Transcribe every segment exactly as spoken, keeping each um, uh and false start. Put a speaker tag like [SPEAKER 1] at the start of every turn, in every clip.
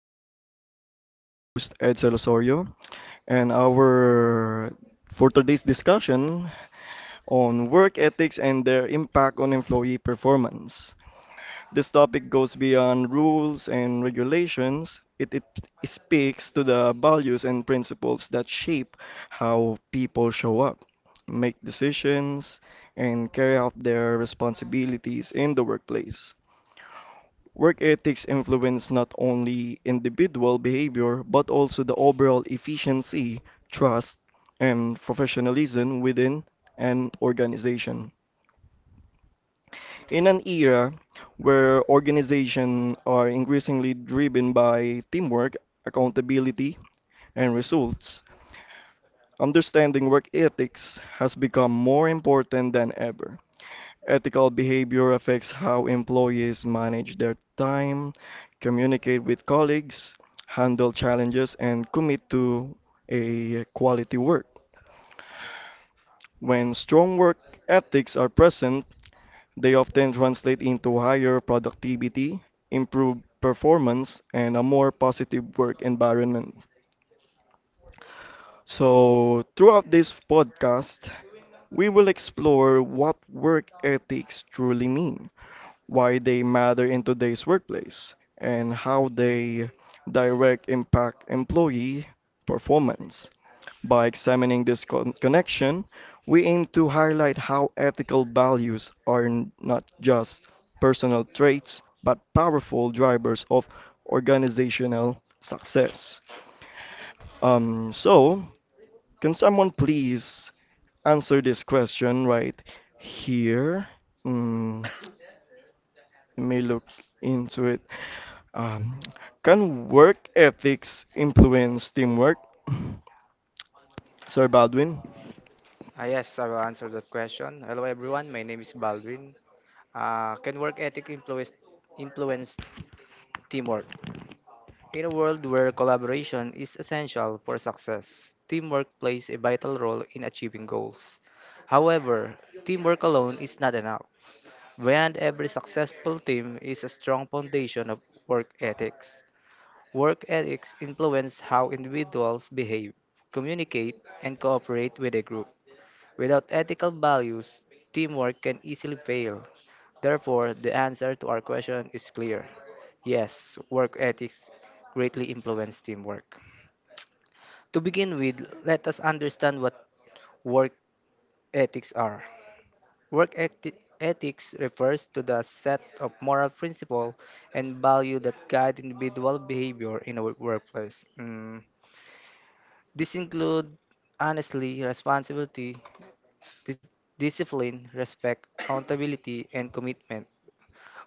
[SPEAKER 1] discussion. I'm your host, Edsel Osorio, and our for today's discussion on work ethics and their impact on employee performance. This topic goes beyond rules and regulations. It, it speaks to the values and principles that shape how people show up, make decisions, and carry out their responsibilities in the workplace. Work ethics influence not only individual behavior but also the overall efficiency, trust, and professionalism within an organization. In an era where organizations are increasingly driven by teamwork, accountability, and results, understanding work ethics has become more important than ever. Ethical behavior affects how employees manage their time, communicate with colleagues, handle challenges, and commit to a quality work. When strong work ethics are present, they often translate into higher productivity, improved performance, and a more positive work environment. So, throughout this podcast, we will explore what work ethics truly mean, why they matter in today's workplace, and how they direct impact employee performance. By examining this con- connection, we aim to highlight how ethical values are n- not just personal traits but powerful drivers of organizational success. Um, so, can someone please answer this question right here? Mm Me look into it. Um, can work ethics influence teamwork? Sir Baldwin?
[SPEAKER 2] Uh, yes, I will answer that question. Hello, everyone. My name is Baldwin. Uh, can work ethic influence, influence teamwork? In a world where collaboration is essential for success, teamwork plays a vital role in achieving goals. However, teamwork alone is not enough. Behind every successful team is a strong foundation of work ethics. Work ethics influence how individuals behave, communicate, and cooperate with a group. Without ethical values, teamwork can easily fail. Therefore, the answer to our question is clear. Yes, work ethics greatly influence teamwork. To begin with, let us understand what work ethics are. Work eti- ethics refers to the set of moral principles and value that guide individual behavior in a workplace. Mm. This include honesty, responsibility, Dis- Discipline, respect, accountability, and commitment.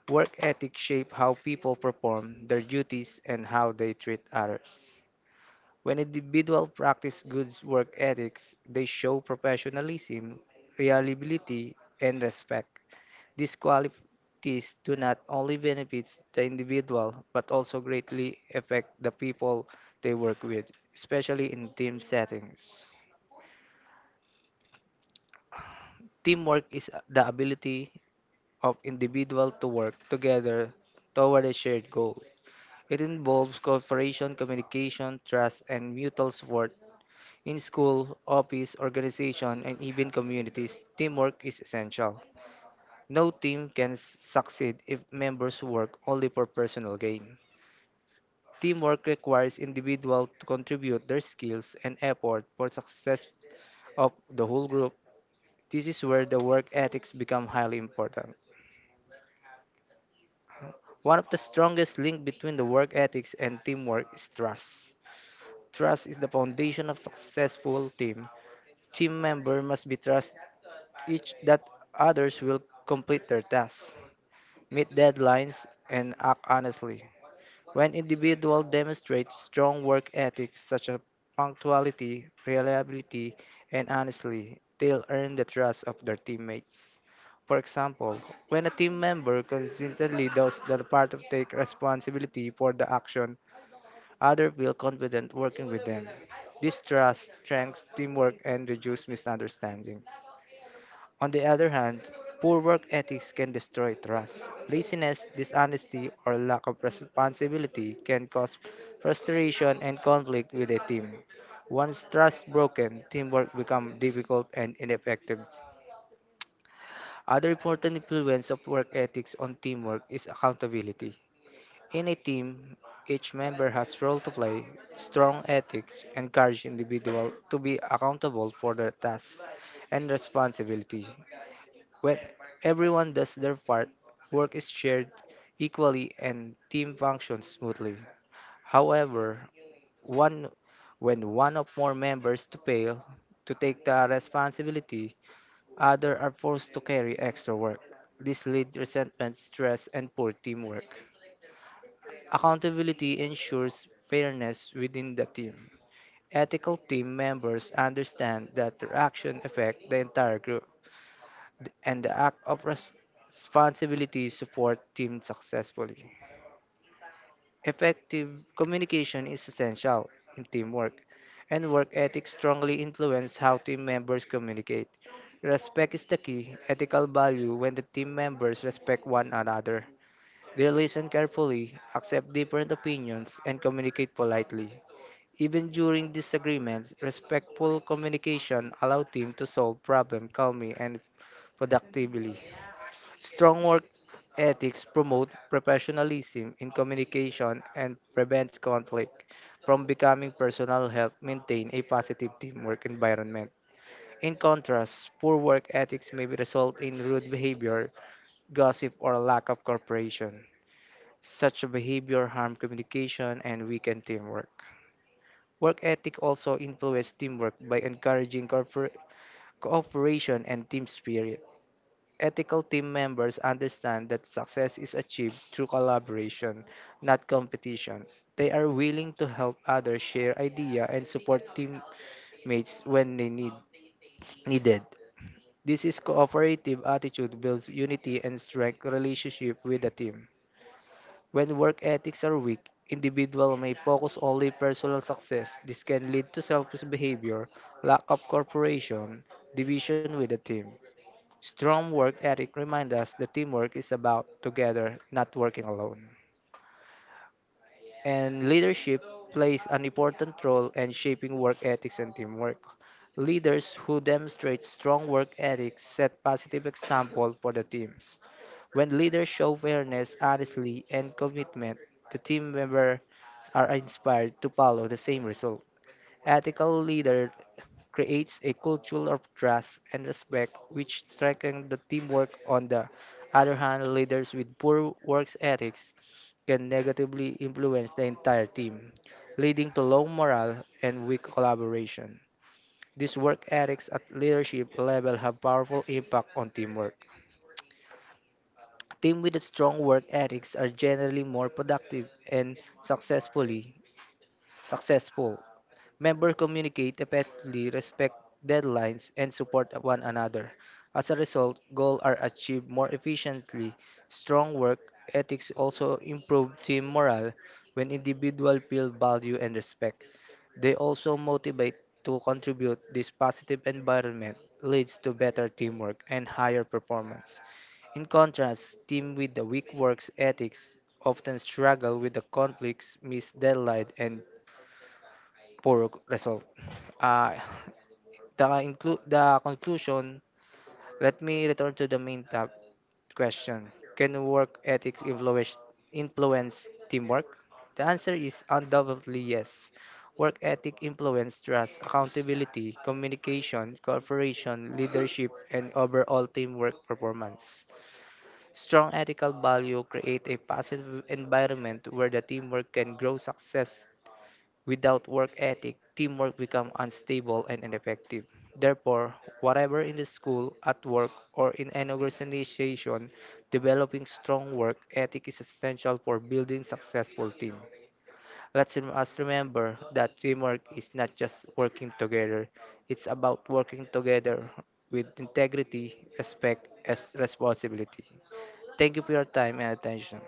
[SPEAKER 2] Work ethics shape how people perform their duties and how they treat others. When individuals practice good work ethics, they show professionalism, reliability, and respect. These qualities do not only benefit the individual but also greatly affect the people they work with, especially in team settings. Teamwork is the ability of individuals to work together toward a shared goal. It involves cooperation, communication, trust, and mutual support. In school, office, organization, and even communities, teamwork is essential. No team can s- succeed if members work only for personal gain. Teamwork requires individuals to contribute their skills and effort for success of the whole group. This is where the work ethics become highly important. One of the strongest links between the work ethics and teamwork is trust. Trust is the foundation of successful team. Team member must be trust each that others will complete their tasks, meet deadlines, and act honestly. When individuals demonstrate strong work ethics such as punctuality, reliability, and honestly, they'll earn the trust of their teammates. For example, when a team member consistently does the part of take responsibility for the action, others feel confident working with them. This trust strengthens teamwork and reduces misunderstanding. On the other hand, poor work ethics can destroy trust. Laziness, dishonesty, or lack of responsibility can cause frustration and conflict with a team. Once trust broken, teamwork becomes difficult and ineffective. Other important influence of work ethics on teamwork is accountability. In a team, each member has role to play. Strong ethics encourage individuals to be accountable for their tasks and responsibility. When everyone does their part, work is shared equally and team functions smoothly. However, one when one or more members to fail to take the responsibility, others are forced to carry extra work. This leads resentment, stress, and poor teamwork. Accountability ensures fairness within the team. Ethical team members understand that their action affect the entire group th- and the act of res- responsibility support team successfully. Effective communication is essential in teamwork, and work ethics strongly influence how team members communicate. Respect is the key ethical value when the team members respect one another. They listen carefully, accept different opinions, and communicate politely. Even during disagreements, respectful communication allows team to solve problems calmly and productively. Strong work ethics promote professionalism in communication and prevents conflict from becoming personal help maintain a positive teamwork environment. In contrast, poor work ethics may result in rude behavior, gossip, or lack of cooperation. Such behavior harm communication and weaken teamwork. Work ethic also influences teamwork by encouraging corpor- cooperation and team spirit. Ethical team members understand that success is achieved through collaboration, not competition. They are willing to help others share ideas and support teammates when they need needed. This is cooperative attitude builds unity and strength relationship with the team. When work ethics are weak, individual may focus only personal success. This can lead to selfish behavior, lack of cooperation, division with the team. Strong work ethic reminds us that teamwork is about together, not working alone. And leadership plays an important role in shaping work ethics and teamwork. Leaders who demonstrate strong work ethics set positive example for the teams. When leaders show fairness, honesty, and commitment, the team members are inspired to follow the same result. Ethical leader creates a culture of trust and respect which strengthens the teamwork. On the other hand, leaders with poor work ethics can negatively influence the entire team, leading to low morale and weak collaboration. These work ethics at leadership level have powerful impact on teamwork. Teams with strong work ethics are generally more productive and successfully successful. Members communicate effectively, respect deadlines, and support one another. As a result, goals are achieved more efficiently. Strong work ethics also improve team morale when individuals feel value and respect. They also motivate to contribute. This positive environment leads to better teamwork and higher performance. In contrast, teams with the weak work ethics often struggle with the conflicts, missed deadline, and poor result. Uh, the, inclu- the conclusion, let me return to the main tab question. Can work ethics influence, influence teamwork? The answer is undoubtedly yes. Work ethic influence trust, accountability, communication, cooperation, leadership, and overall teamwork performance. Strong ethical value create a positive environment where the teamwork can grow success. Without work ethic, teamwork becomes unstable and ineffective. Therefore, whatever in the school, at work, or in any organization, developing strong work ethic is essential for building successful team. Let us remember that teamwork is not just working together; it's about working together with integrity, respect, and responsibility. Thank you for your time and attention.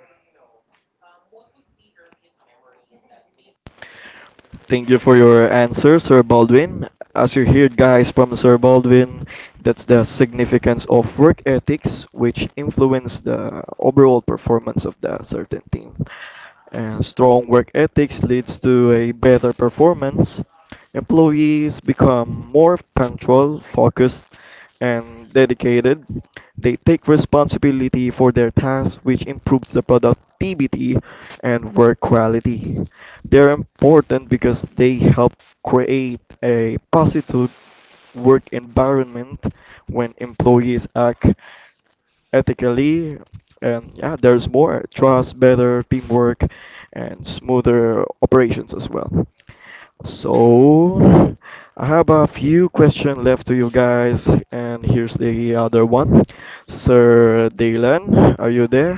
[SPEAKER 1] Thank you for your answer, Sir Baldwin. As you heard, guys, from Sir Baldwin, that's the significance of work ethics, which influence the overall performance of the certain team. And strong work ethics leads to a better performance. Employees become more punctual, focused, and dedicated. They take responsibility for their tasks, which improves the productivity and work quality. They're important because they help create a positive work environment when employees act ethically. And yeah, there's more trust, better teamwork, and smoother operations as well. So, I have a few questions left to you guys, and here's the other one. Sir Dylan, are you there?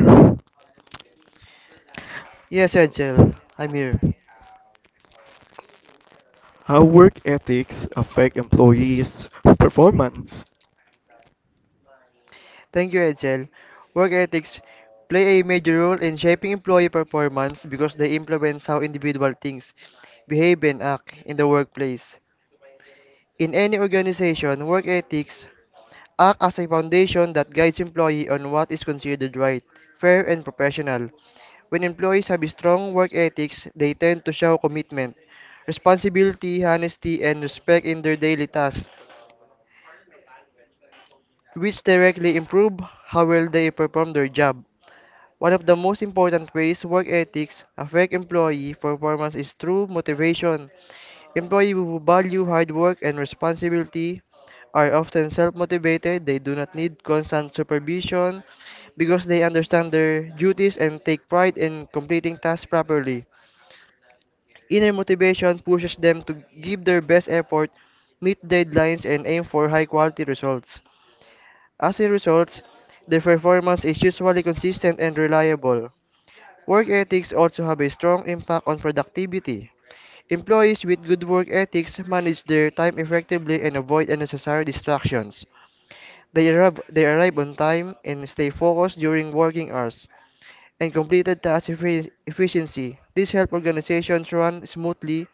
[SPEAKER 3] Yes, Agile, I'm here.
[SPEAKER 1] How work ethics affect employees' performance?
[SPEAKER 3] Thank you, Agile. Work ethics play a major role in shaping employee performance because they influence how individual thinks, behave, and act in the workplace. In any organization, work ethics act as a foundation that guides employee on what is considered right, fair, and professional. When employees have strong work ethics, they tend to show commitment, responsibility, honesty, and respect in their daily tasks, which directly improve how well they perform their job. One of the most important ways work ethics affect employee performance is through motivation. Employees who value hard work and responsibility are often self-motivated. They do not need constant supervision because they understand their duties and take pride in completing tasks properly. Inner motivation pushes them to give their best effort, meet deadlines, and aim for high-quality results. As a result, their performance is usually consistent and reliable. Work ethics also have a strong impact on productivity. Employees with good work ethics manage their time effectively and avoid unnecessary distractions. They arrive, they arrive on time and stay focused during working hours and completed task effi- efficiency. This helps organizations run smoothly,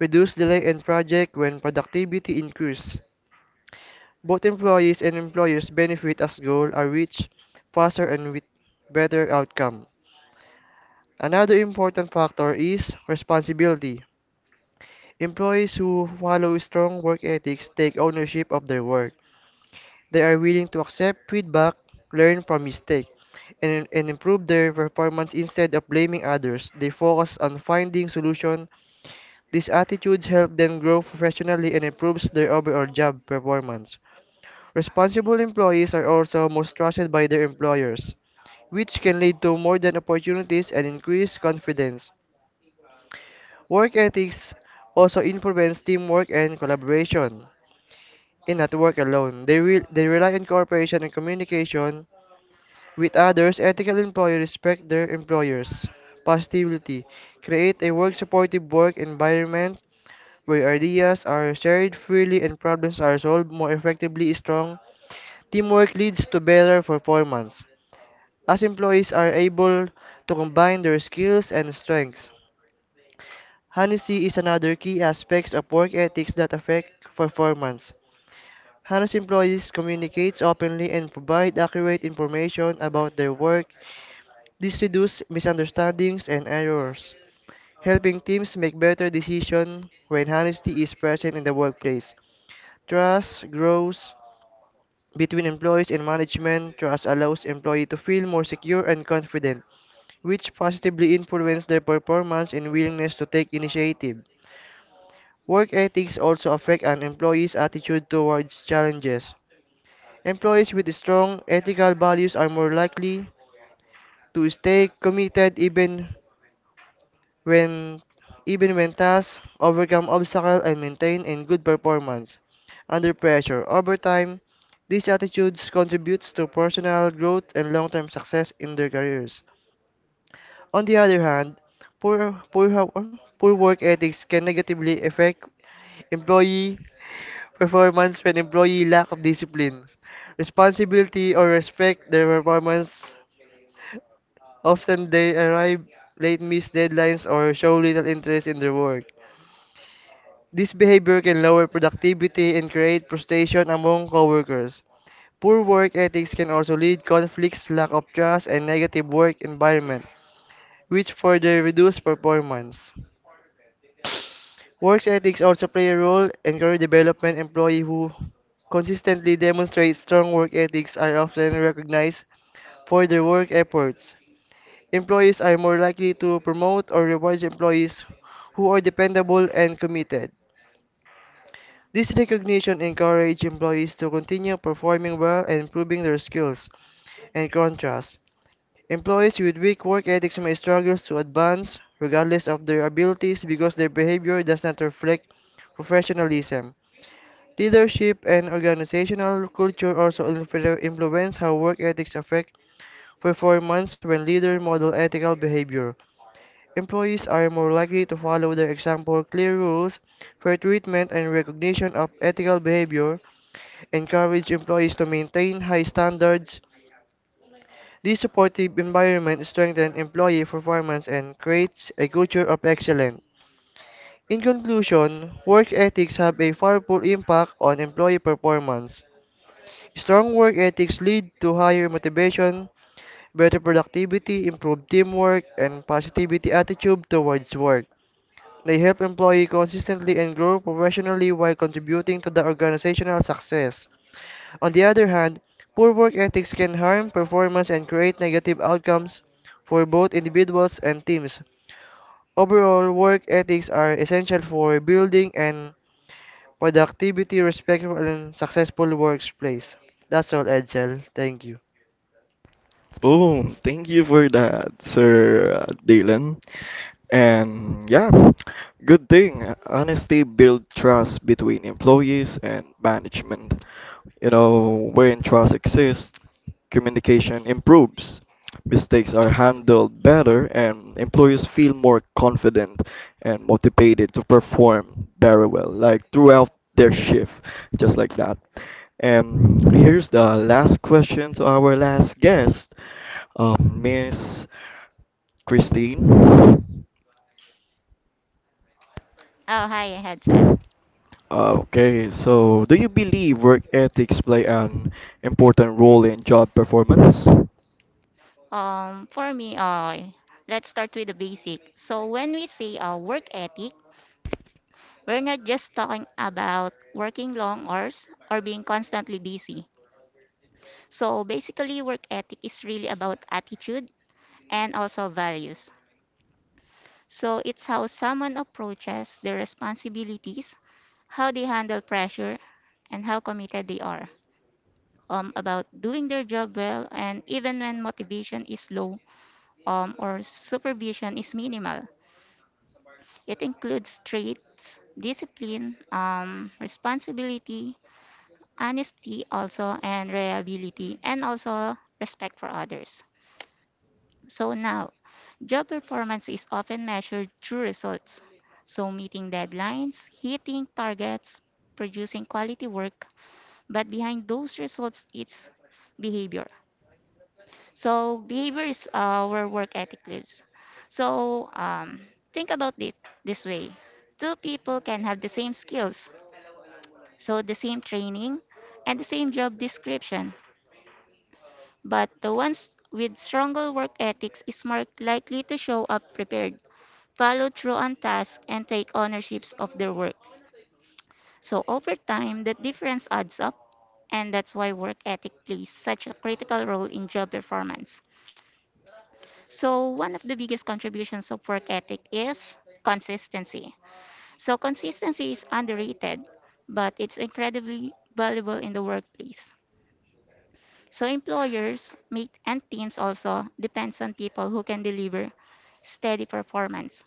[SPEAKER 3] reduce delay in project when productivity increases. Both employees and employers benefit as goals are reached faster and with better outcome. Another important factor is responsibility. Employees who follow strong work ethics take ownership of their work. They are willing to accept feedback, learn from mistakes, and, and improve their performance instead of blaming others. They focus on finding solutions. These attitudes help them grow professionally and improves their overall job performance. Responsible employees are also most trusted by their employers, which can lead to more than opportunities and increased confidence. Work ethics also influence teamwork and collaboration. In not work alone, they, re- they rely on cooperation and communication with others. Ethical employees respect their employers. Positivity create a work supportive work environment where ideas are shared freely and problems are solved more effectively strong. Teamwork leads to better performance, as employees are able to combine their skills and strengths. Honesty is another key aspect of work ethics that affect performance. Honest employees communicate openly and provide accurate information about their work. This reduces misunderstandings and errors, helping teams make better decisions when honesty is present in the workplace. Trust grows between employees and management. Trust allows employees to feel more secure and confident, which positively influence their performance and willingness to take initiative. Work ethics also affect an employee's attitude towards challenges. Employees with strong ethical values are more likely to stay committed even when even when tasks overcome obstacles and maintain in good performance under pressure. Over time, these attitudes contributes to personal growth and long-term success in their careers. On the other hand, poor, poor, ho- poor work ethics can negatively affect employee performance when employee lack of discipline, responsibility, or respect their performance. Often they arrive late, miss deadlines, or show little interest in their work. This behavior can lower productivity and create frustration among coworkers. Poor work ethics can also lead conflicts, lack of trust, and negative work environment, which further reduce performance. Work ethics also play a role in career development. Employees who consistently demonstrate strong work ethics are often recognized for their work efforts. Employees are more likely to promote or reward employees who are dependable and committed. This recognition encourages employees to continue performing well and improving their skills. In contrast, employees with weak work ethics may struggle to advance regardless of their abilities because their behavior does not reflect professionalism. Leadership and organizational culture also influ- influence how work ethics affect performance when leaders model ethical behavior. Employees are more likely to follow their example, clear rules, fair treatment, and recognition of ethical behavior encourage employees to maintain high standards. This supportive environment strengthens employee performance and creates a culture of excellence. In conclusion, work ethics have a powerful impact on employee performance. Strong work ethics lead to higher motivation, better productivity, improved teamwork, and positivity attitude towards work. They help employees consistently and grow professionally while contributing to the organizational success. On the other hand, poor work ethics can harm performance and create negative outcomes for both individuals and teams. Overall, work ethics are essential for building and productivity, respectful, and successful workplace. That's all, Edsel. Thank you.
[SPEAKER 1] Boom! Thank you for that, Sir Dylan. And yeah, good thing. Honesty builds trust between employees and management. You know, when trust exists, communication improves, mistakes are handled better, and employees feel more confident and motivated to perform very well, like throughout their shift, just like that. And here's the last question to our last guest, um, Miss Christine.
[SPEAKER 4] Oh, hi, Hadsel.
[SPEAKER 1] Okay, so do you believe work ethics play an important role in job performance?
[SPEAKER 4] Um, for me, uh, let's start with the basic. So when we say uh, work ethic, we're not just talking about working long hours or being constantly busy. So basically, work ethic is really about attitude and also values. So it's how someone approaches their responsibilities, how they handle pressure, and how committed they are um, about doing their job well, and even when motivation is low, um, or supervision is minimal. It includes traits, discipline, um, responsibility, honesty also, and reliability, and also respect for others. So now, job performance is often measured through results. So meeting deadlines, hitting targets, producing quality work, but behind those results, it's behavior. So behavior is our work ethics. So um, think about it this way. Two people can have the same skills, so the same training and the same job description, but the ones with stronger work ethics is more likely to show up prepared, follow through on tasks, and take ownerships of their work. So over time, that difference adds up, and that's why work ethic plays such a critical role in job performance. So, one of the biggest contributions of work ethic is consistency. So, consistency is underrated, but it's incredibly valuable in the workplace. So, employers make, and teams also depends on people who can deliver steady performance.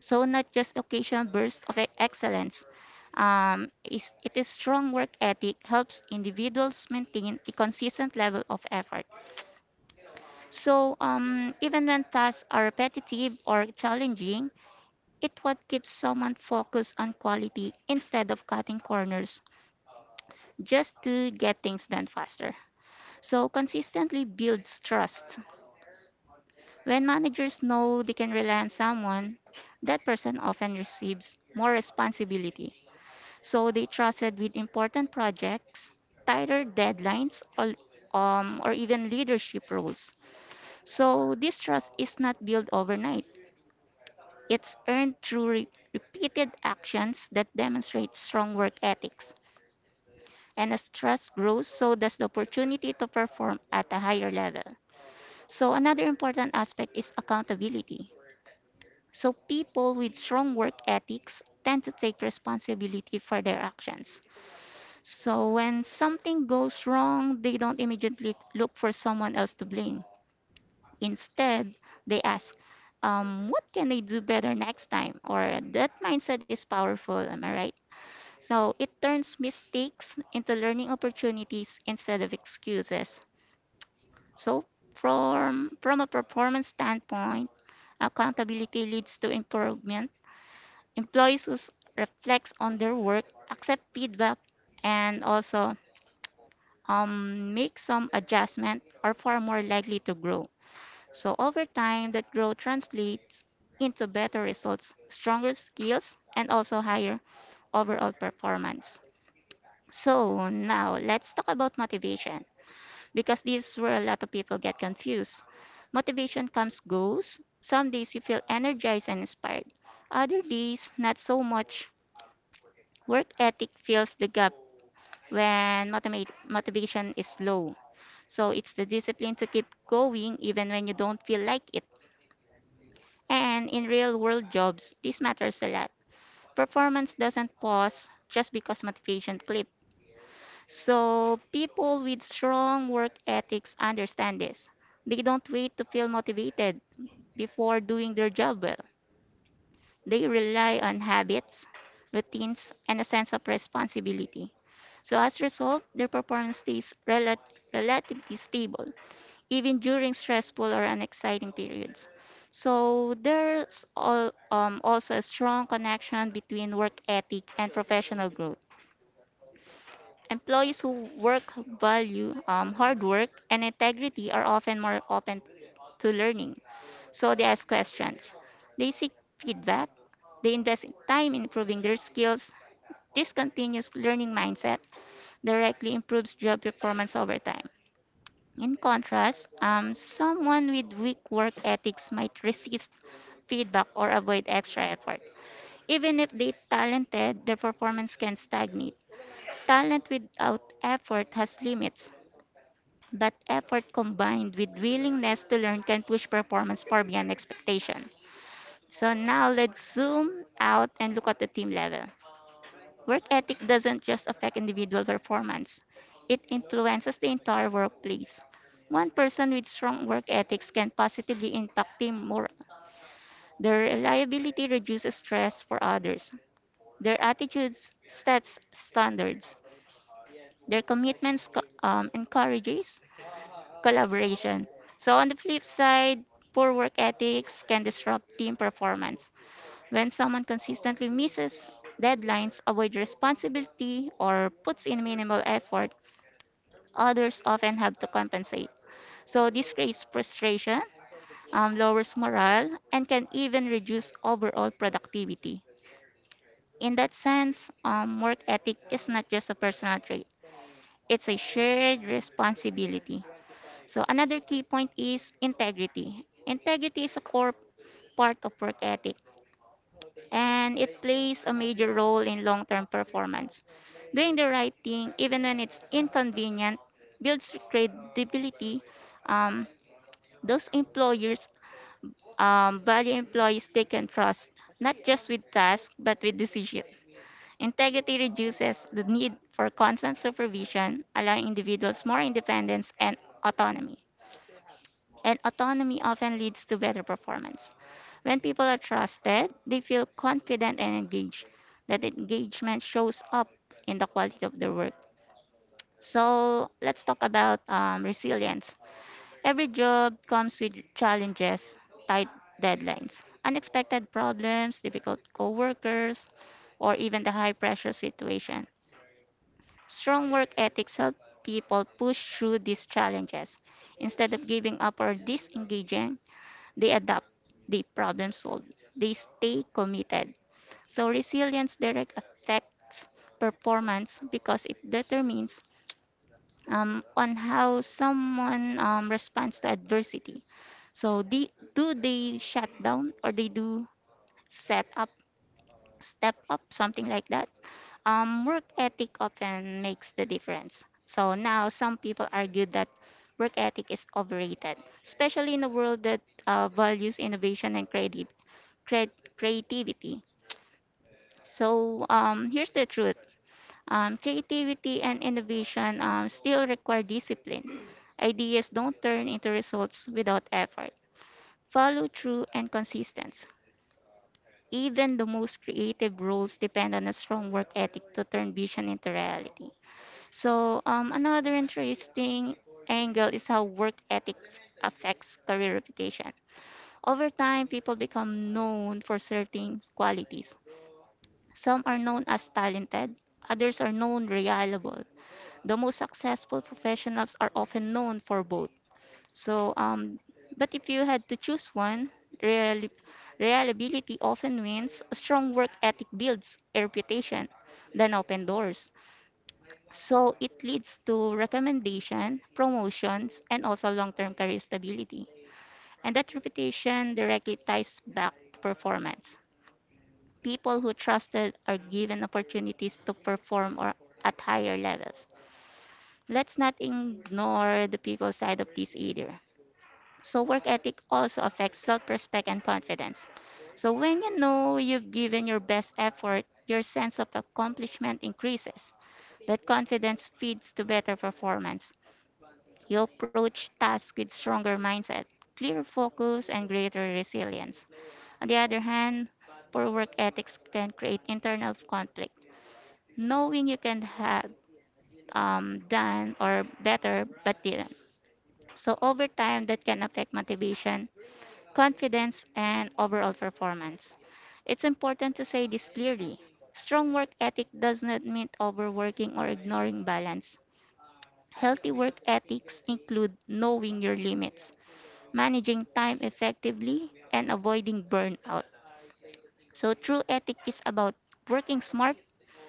[SPEAKER 4] So, not just occasional bursts of e- excellence. Um, is, it is strong work ethic helps individuals maintain a consistent level of effort. So, um, even when tasks are repetitive or challenging, it what keeps someone focused on quality instead of cutting corners just to get things done faster. So consistently builds trust. When managers know they can rely on someone, that person often receives more responsibility. So they trusted with important projects, tighter deadlines, or, um, or even leadership roles. So this trust is not built overnight. It's earned through re- repeated actions that demonstrate strong work ethics. And as trust grows, so does the opportunity to perform at a higher level. So, another important aspect is accountability. So, people with strong work ethics tend to take responsibility for their actions. So, when something goes wrong, they don't immediately look for someone else to blame. Instead, they ask, um, what can I do better next time? Or that mindset is powerful, am I right? So it turns mistakes into learning opportunities instead of excuses. So from from a performance standpoint, accountability leads to improvement. Employees who s- reflect on their work, accept feedback, and also um, make some adjustment are far more likely to grow. So over time, that growth translates into better results, stronger skills, and also higher overall performance. So now let's talk about motivation because this is where a lot of people get confused. Motivation comes goes. Some days you feel energized and inspired. Other days not so much. Work ethic fills the gap when motivate, motivation is low. So it's the discipline to keep going even when you don't feel like it. And in real world jobs, this matters a lot. Performance doesn't pause just because motivation clips. So people with strong work ethics understand this. They don't wait to feel motivated before doing their job well. They rely on habits, routines, and a sense of responsibility. So as a result, their performance stays rel- relatively stable, even during stressful or unexciting periods. So there's all, um, also a strong connection between work ethic and professional growth. Employees who work value um, hard work and integrity are often more open to learning. So they ask questions. They seek feedback. They invest time in improving their skills. This continuous learning mindset directly improves job performance over time. In contrast, um, someone with weak work ethics might resist feedback or avoid extra effort. Even if they're talented, their performance can stagnate. Talent without effort has limits, but effort combined with willingness to learn can push performance far beyond expectation. So now let's zoom out and look at the team level. Work ethic doesn't just affect individual performance, it influences the entire workplace. One person with strong work ethics can positively impact team morale. Their reliability reduces stress for others. Their attitudes sets standards. Their commitments co- um, encourages collaboration. So, on the flip side, poor work ethics can disrupt team performance. When someone consistently misses deadlines, avoids responsibility, or puts in minimal effort, others often have to compensate. So, this creates frustration, um, lowers morale, and can even reduce overall productivity. In that sense, um, work ethic is not just a personal trait, it's a shared responsibility. So another key point is integrity. Integrity is a core part of work ethic and it plays a major role in long-term performance. Doing the right thing, even when it's inconvenient, builds credibility. Um, those employers um, value employees they can trust, not just with tasks, but with decisions. Integrity reduces the need for constant supervision, allowing individuals more independence and autonomy. And autonomy often leads to better performance. When people are trusted, they feel confident and engaged. That engagement shows up in the quality of their work. So let's talk about um, resilience. Every job comes with challenges, tight deadlines, unexpected problems, difficult coworkers, or even the high pressure situation. Strong work ethics help people push through these challenges. Instead of giving up or disengaging, they adapt, they problem solve, they stay committed. So resilience direct affects performance because it determines um, on how someone um, responds to adversity. So they, do they shut down or they do set up, step up, something like that? Um, work ethic often makes the difference. So now some people argue that work ethic is overrated, especially in a world that uh, values innovation and creative, cre- creativity. So um, here's the truth: um, creativity and innovation um, still require discipline. Ideas don't turn into results without effort. Follow through and consistency. Even the most creative roles depend on a strong work ethic to turn vision into reality. So um, another interesting angle is how work ethic affects career reputation. Over time, people become known for certain qualities. Some are known as talented, others are known reliable. The most successful professionals are often known for both. So, um, but if you had to choose one, reali- reliability often wins. A strong work ethic builds a reputation, then open doors. So it leads to recommendation, promotions, and also long-term career stability. And that reputation directly ties back to performance. People who trusted are given opportunities to perform or at higher levels. Let's not ignore the people side of this either. So work ethic also affects self-respect and confidence. So when you know you've given your best effort, your sense of accomplishment increases. That confidence feeds to better performance. You approach tasks with stronger mindset, clearer focus, and greater resilience. On the other hand, poor work ethics can create internal conflict. Knowing you can have um, done or better but didn't. So over time, that can affect motivation, confidence, and overall performance. It's important to say this clearly. Strong work ethic does not mean overworking or ignoring balance. Healthy work ethics include knowing your limits, managing time effectively, and avoiding burnout. So, true ethic is about working smart,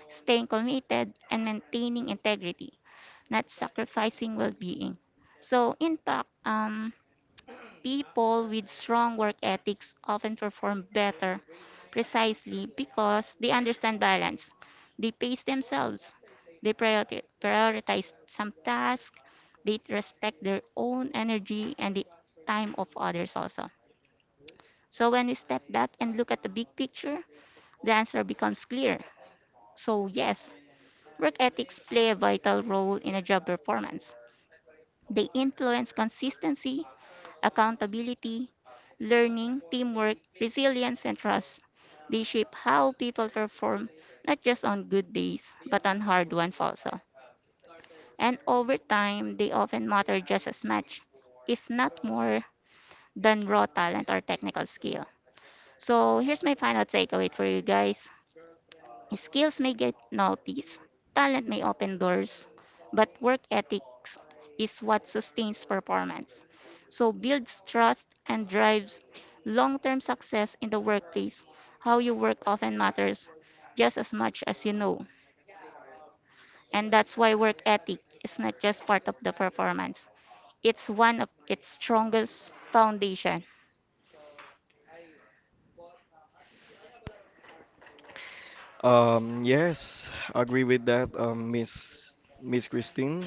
[SPEAKER 4] staying committed, and maintaining integrity, not sacrificing well being. So, in fact, um, people with strong work ethics often perform better precisely because they understand balance. They pace themselves, they priori- prioritize some tasks, they respect their own energy and the time of others also. So when we step back and look at the big picture, the answer becomes clear. So yes, work ethics play a vital role in a job performance. They influence consistency, accountability, learning, teamwork, resilience, and trust. They shape how people perform not just on good days, but on hard ones also. And over time, they often matter just as much, if not more, than raw talent or technical skill. So here's my final takeaway for you guys. Skills may get noticed, talent may open doors, but work ethics is what sustains performance. So builds trust and drives long-term success in the workplace. How you work often matters just as much as you know. And that's why work ethic is not just part of the performance. It's one of its strongest foundation.
[SPEAKER 1] Um, yes, agree with that, um, Miss Miss Christine.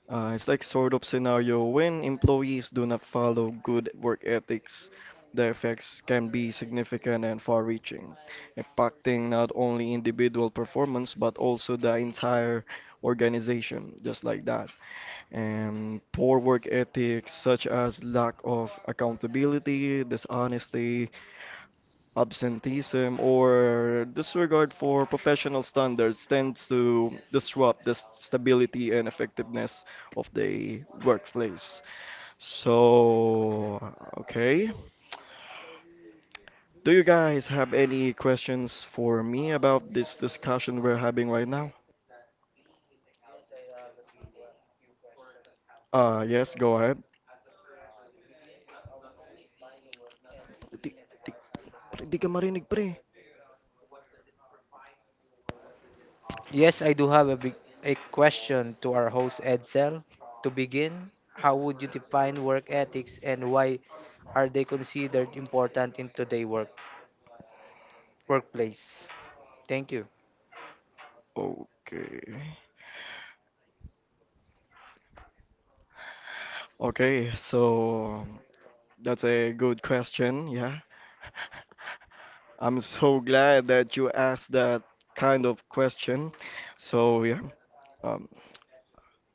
[SPEAKER 1] Uh, it's like sort of scenario when employees do not follow good work ethics, the effects can be significant and far-reaching, impacting not only individual performance but also the entire organization, just like that. And poor work ethics such as lack of accountability, dishonesty, absenteeism, or disregard for professional standards tends to disrupt the s- stability and effectiveness of the workplace. So, okay. Do you guys have any questions for me about this discussion we're having right now? Uh, yes, go ahead. Di, di, Pre, di ka marinig pre.
[SPEAKER 2] Yes, I do have a big a question to our host Edsel. To begin, how would you define work ethics and why are they considered important in today's work workplace? Thank you.
[SPEAKER 1] Okay. Okay, so um, that's a good question, yeah. I'm so glad that you asked that kind of question. So, yeah. uh,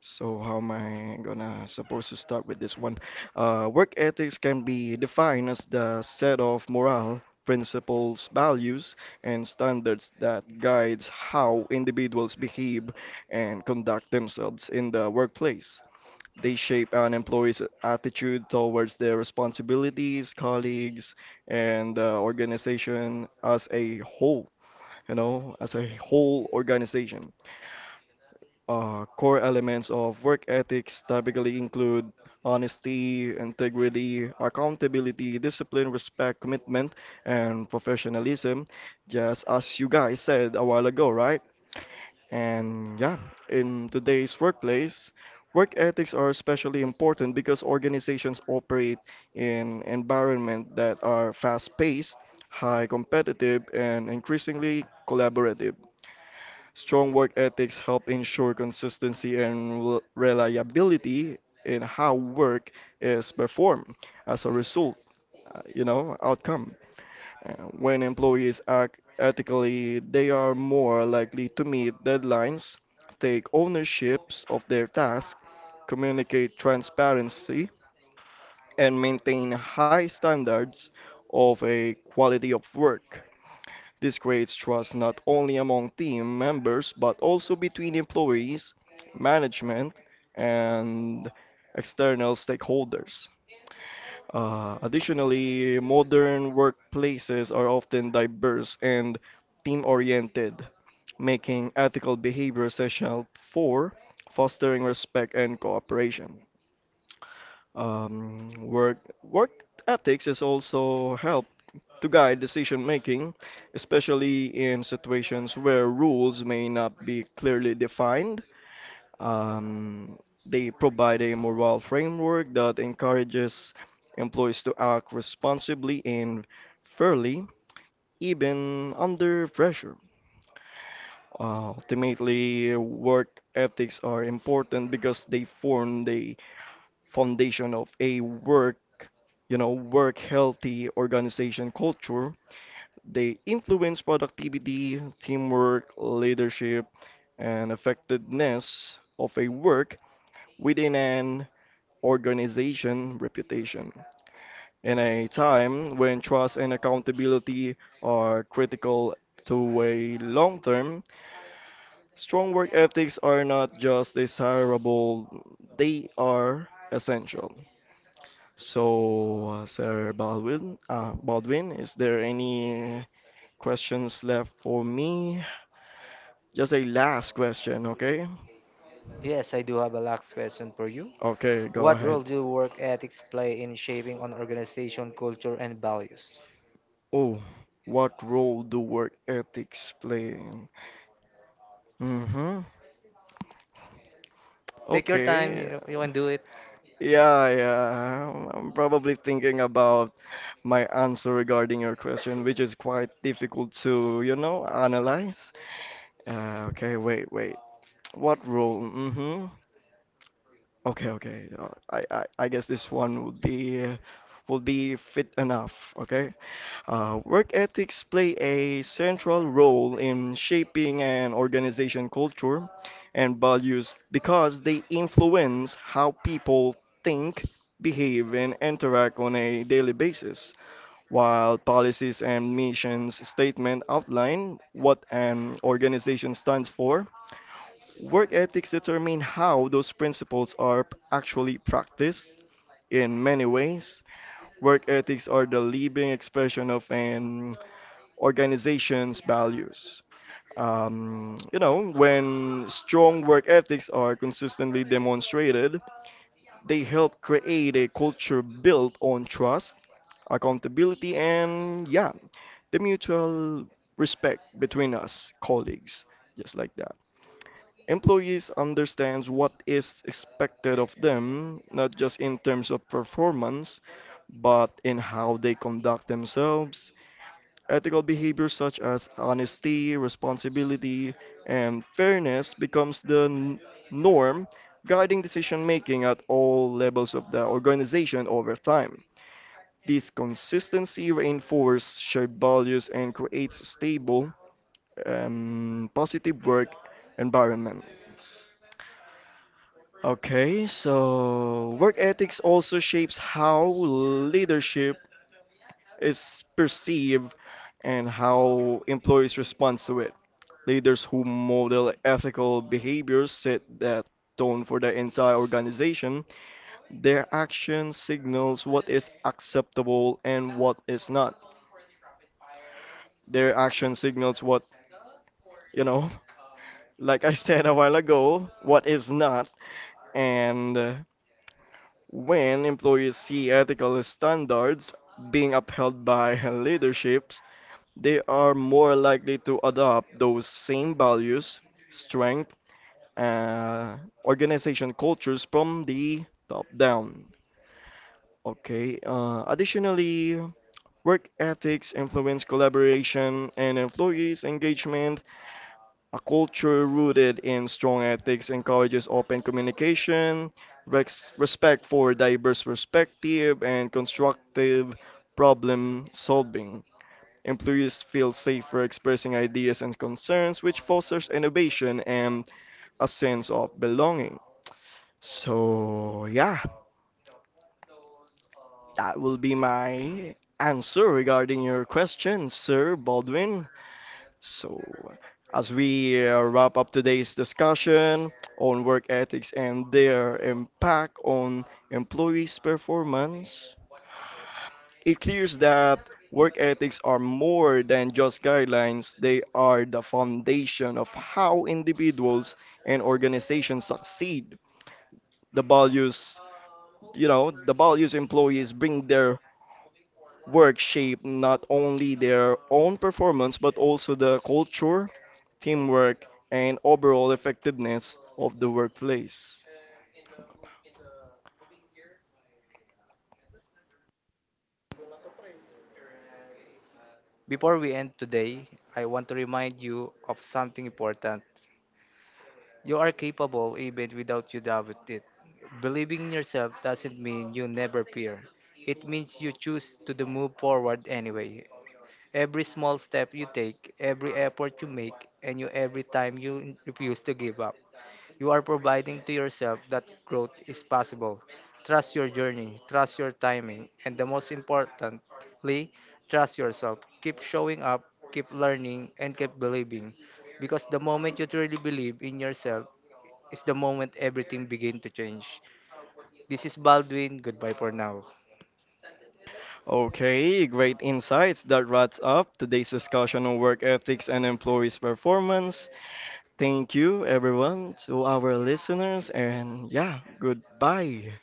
[SPEAKER 1] So how am I gonna supposed to start with this one? Uh, work ethics can be defined as the set of moral principles, values, and standards that guides how individuals behave and conduct themselves in the workplace. They shape an employee's attitude towards their responsibilities, colleagues, and the organization as a whole, you know, as a whole organization. Uh, core elements of work ethics typically include honesty, integrity, accountability, discipline, respect, commitment, and professionalism, just as you guys said a while ago, right? And yeah, in today's workplace, work ethics are especially important because organizations operate in environments that are fast-paced, high competitive, and increasingly collaborative. Strong work ethics help ensure consistency and rel- reliability in how work is performed. As a result, uh, you know, outcome. Uh, When employees act ethically, they are more likely to meet deadlines, take ownerships of their tasks, communicate transparency, and maintain high standards of a quality of work. This creates trust not only among team members but also between employees, management, and external stakeholders. Uh, additionally, modern workplaces are often diverse and team oriented, making ethical behavior essential for fostering respect and cooperation. Um, work, work ethics is also help to guide decision making, especially in situations where rules may not be clearly defined. Um, they provide a moral framework that encourages employees to act responsibly and fairly, even under pressure. Uh, ultimately, work ethics are important because they form the foundation of a work, you know, work healthy organization culture. They influence productivity, teamwork, leadership, and effectiveness of a work within an organization reputation. In a time when trust and accountability are critical to a long term, strong work ethics are not just desirable, they are essential. So, uh, Sir Baldwin, uh, Baldwin, is there any questions left for me? Just a last question, okay?
[SPEAKER 2] Yes, I do have a last question for you.
[SPEAKER 1] Okay, go
[SPEAKER 2] What role
[SPEAKER 1] ahead.
[SPEAKER 2] do work ethics play in shaping an organization culture and values?
[SPEAKER 1] Oh, what role do work ethics play in? Mm-hmm.
[SPEAKER 2] Take your time,
[SPEAKER 1] Okay.
[SPEAKER 2] you, know, you can do it.
[SPEAKER 1] Yeah, yeah. I'm I'm probably thinking about my answer regarding your question, which is quite difficult to, you know, analyze. Uh, okay, wait, wait. What role? Mm-hmm. Okay, okay. Uh, I, I, I guess this one would be uh, would be fit enough. Okay. Uh, work ethics play a central role in shaping an organization culture and values because they influence how people think, behave, and interact on a daily basis. While policies and missions statement outline what an organization stands for, work ethics determine how those principles are actually practiced in many ways. Work ethics are the living expression of an organization's values. Um, you know, when strong work ethics are consistently demonstrated, they help create a culture built on trust, accountability, and yeah, the mutual respect between us colleagues, just like that. Employees understands what is expected of them, not just in terms of performance, but in how they conduct themselves. Ethical behavior such as honesty, responsibility, and fairness becomes the n- norm guiding decision making at all levels of the organization over time. This consistency reinforces shared values and creates a stable, um, positive work environment. Okay, so work ethics also shapes how leadership is perceived and how employees respond to it. Leaders who model ethical behaviors set that tone for the entire organization. Their action signals what is acceptable and what is not. Their action signals what, you know, like I said a while ago, what is not. And uh, When employees see ethical standards being upheld by leaderships, they are more likely to adopt those same values, strength, uh, organization cultures from the top down. Okay. Uh, additionally, work ethics influence collaboration and employees' engagement a culture rooted in strong ethics encourages open communication, rex- respect for diverse perspective, and constructive problem solving. Employees feel safer expressing ideas and concerns, which fosters innovation and a sense of belonging. So, yeah, that will be my answer regarding your question, Sir Baldwin. So, as we uh, wrap up today's discussion on work ethics and their impact on employees' performance, it clears that work ethics are more than just guidelines, they are the foundation of how individuals and organizations succeed. The values you know the values employees bring their work shape not only their own performance but also the culture, teamwork, and overall effectiveness of the workplace.
[SPEAKER 2] Before we end today, I want to remind you of something important. You are capable even without you doubt it. Believing in yourself doesn't mean you never fear. It means you choose to the move forward anyway. Every small step you take, every effort you make, and you every time you refuse to give up. You are providing to yourself that growth is possible. Trust your journey, trust your timing, and the most importantly, trust yourself. Keep showing up, keep learning, and keep believing because the moment you truly believe in yourself is the moment everything begin to change. This is Baldwin. Goodbye for now.
[SPEAKER 1] Okay, great insights. That wraps up today's discussion on work ethics and employees' performance. Thank you, everyone, to our listeners, and yeah, goodbye.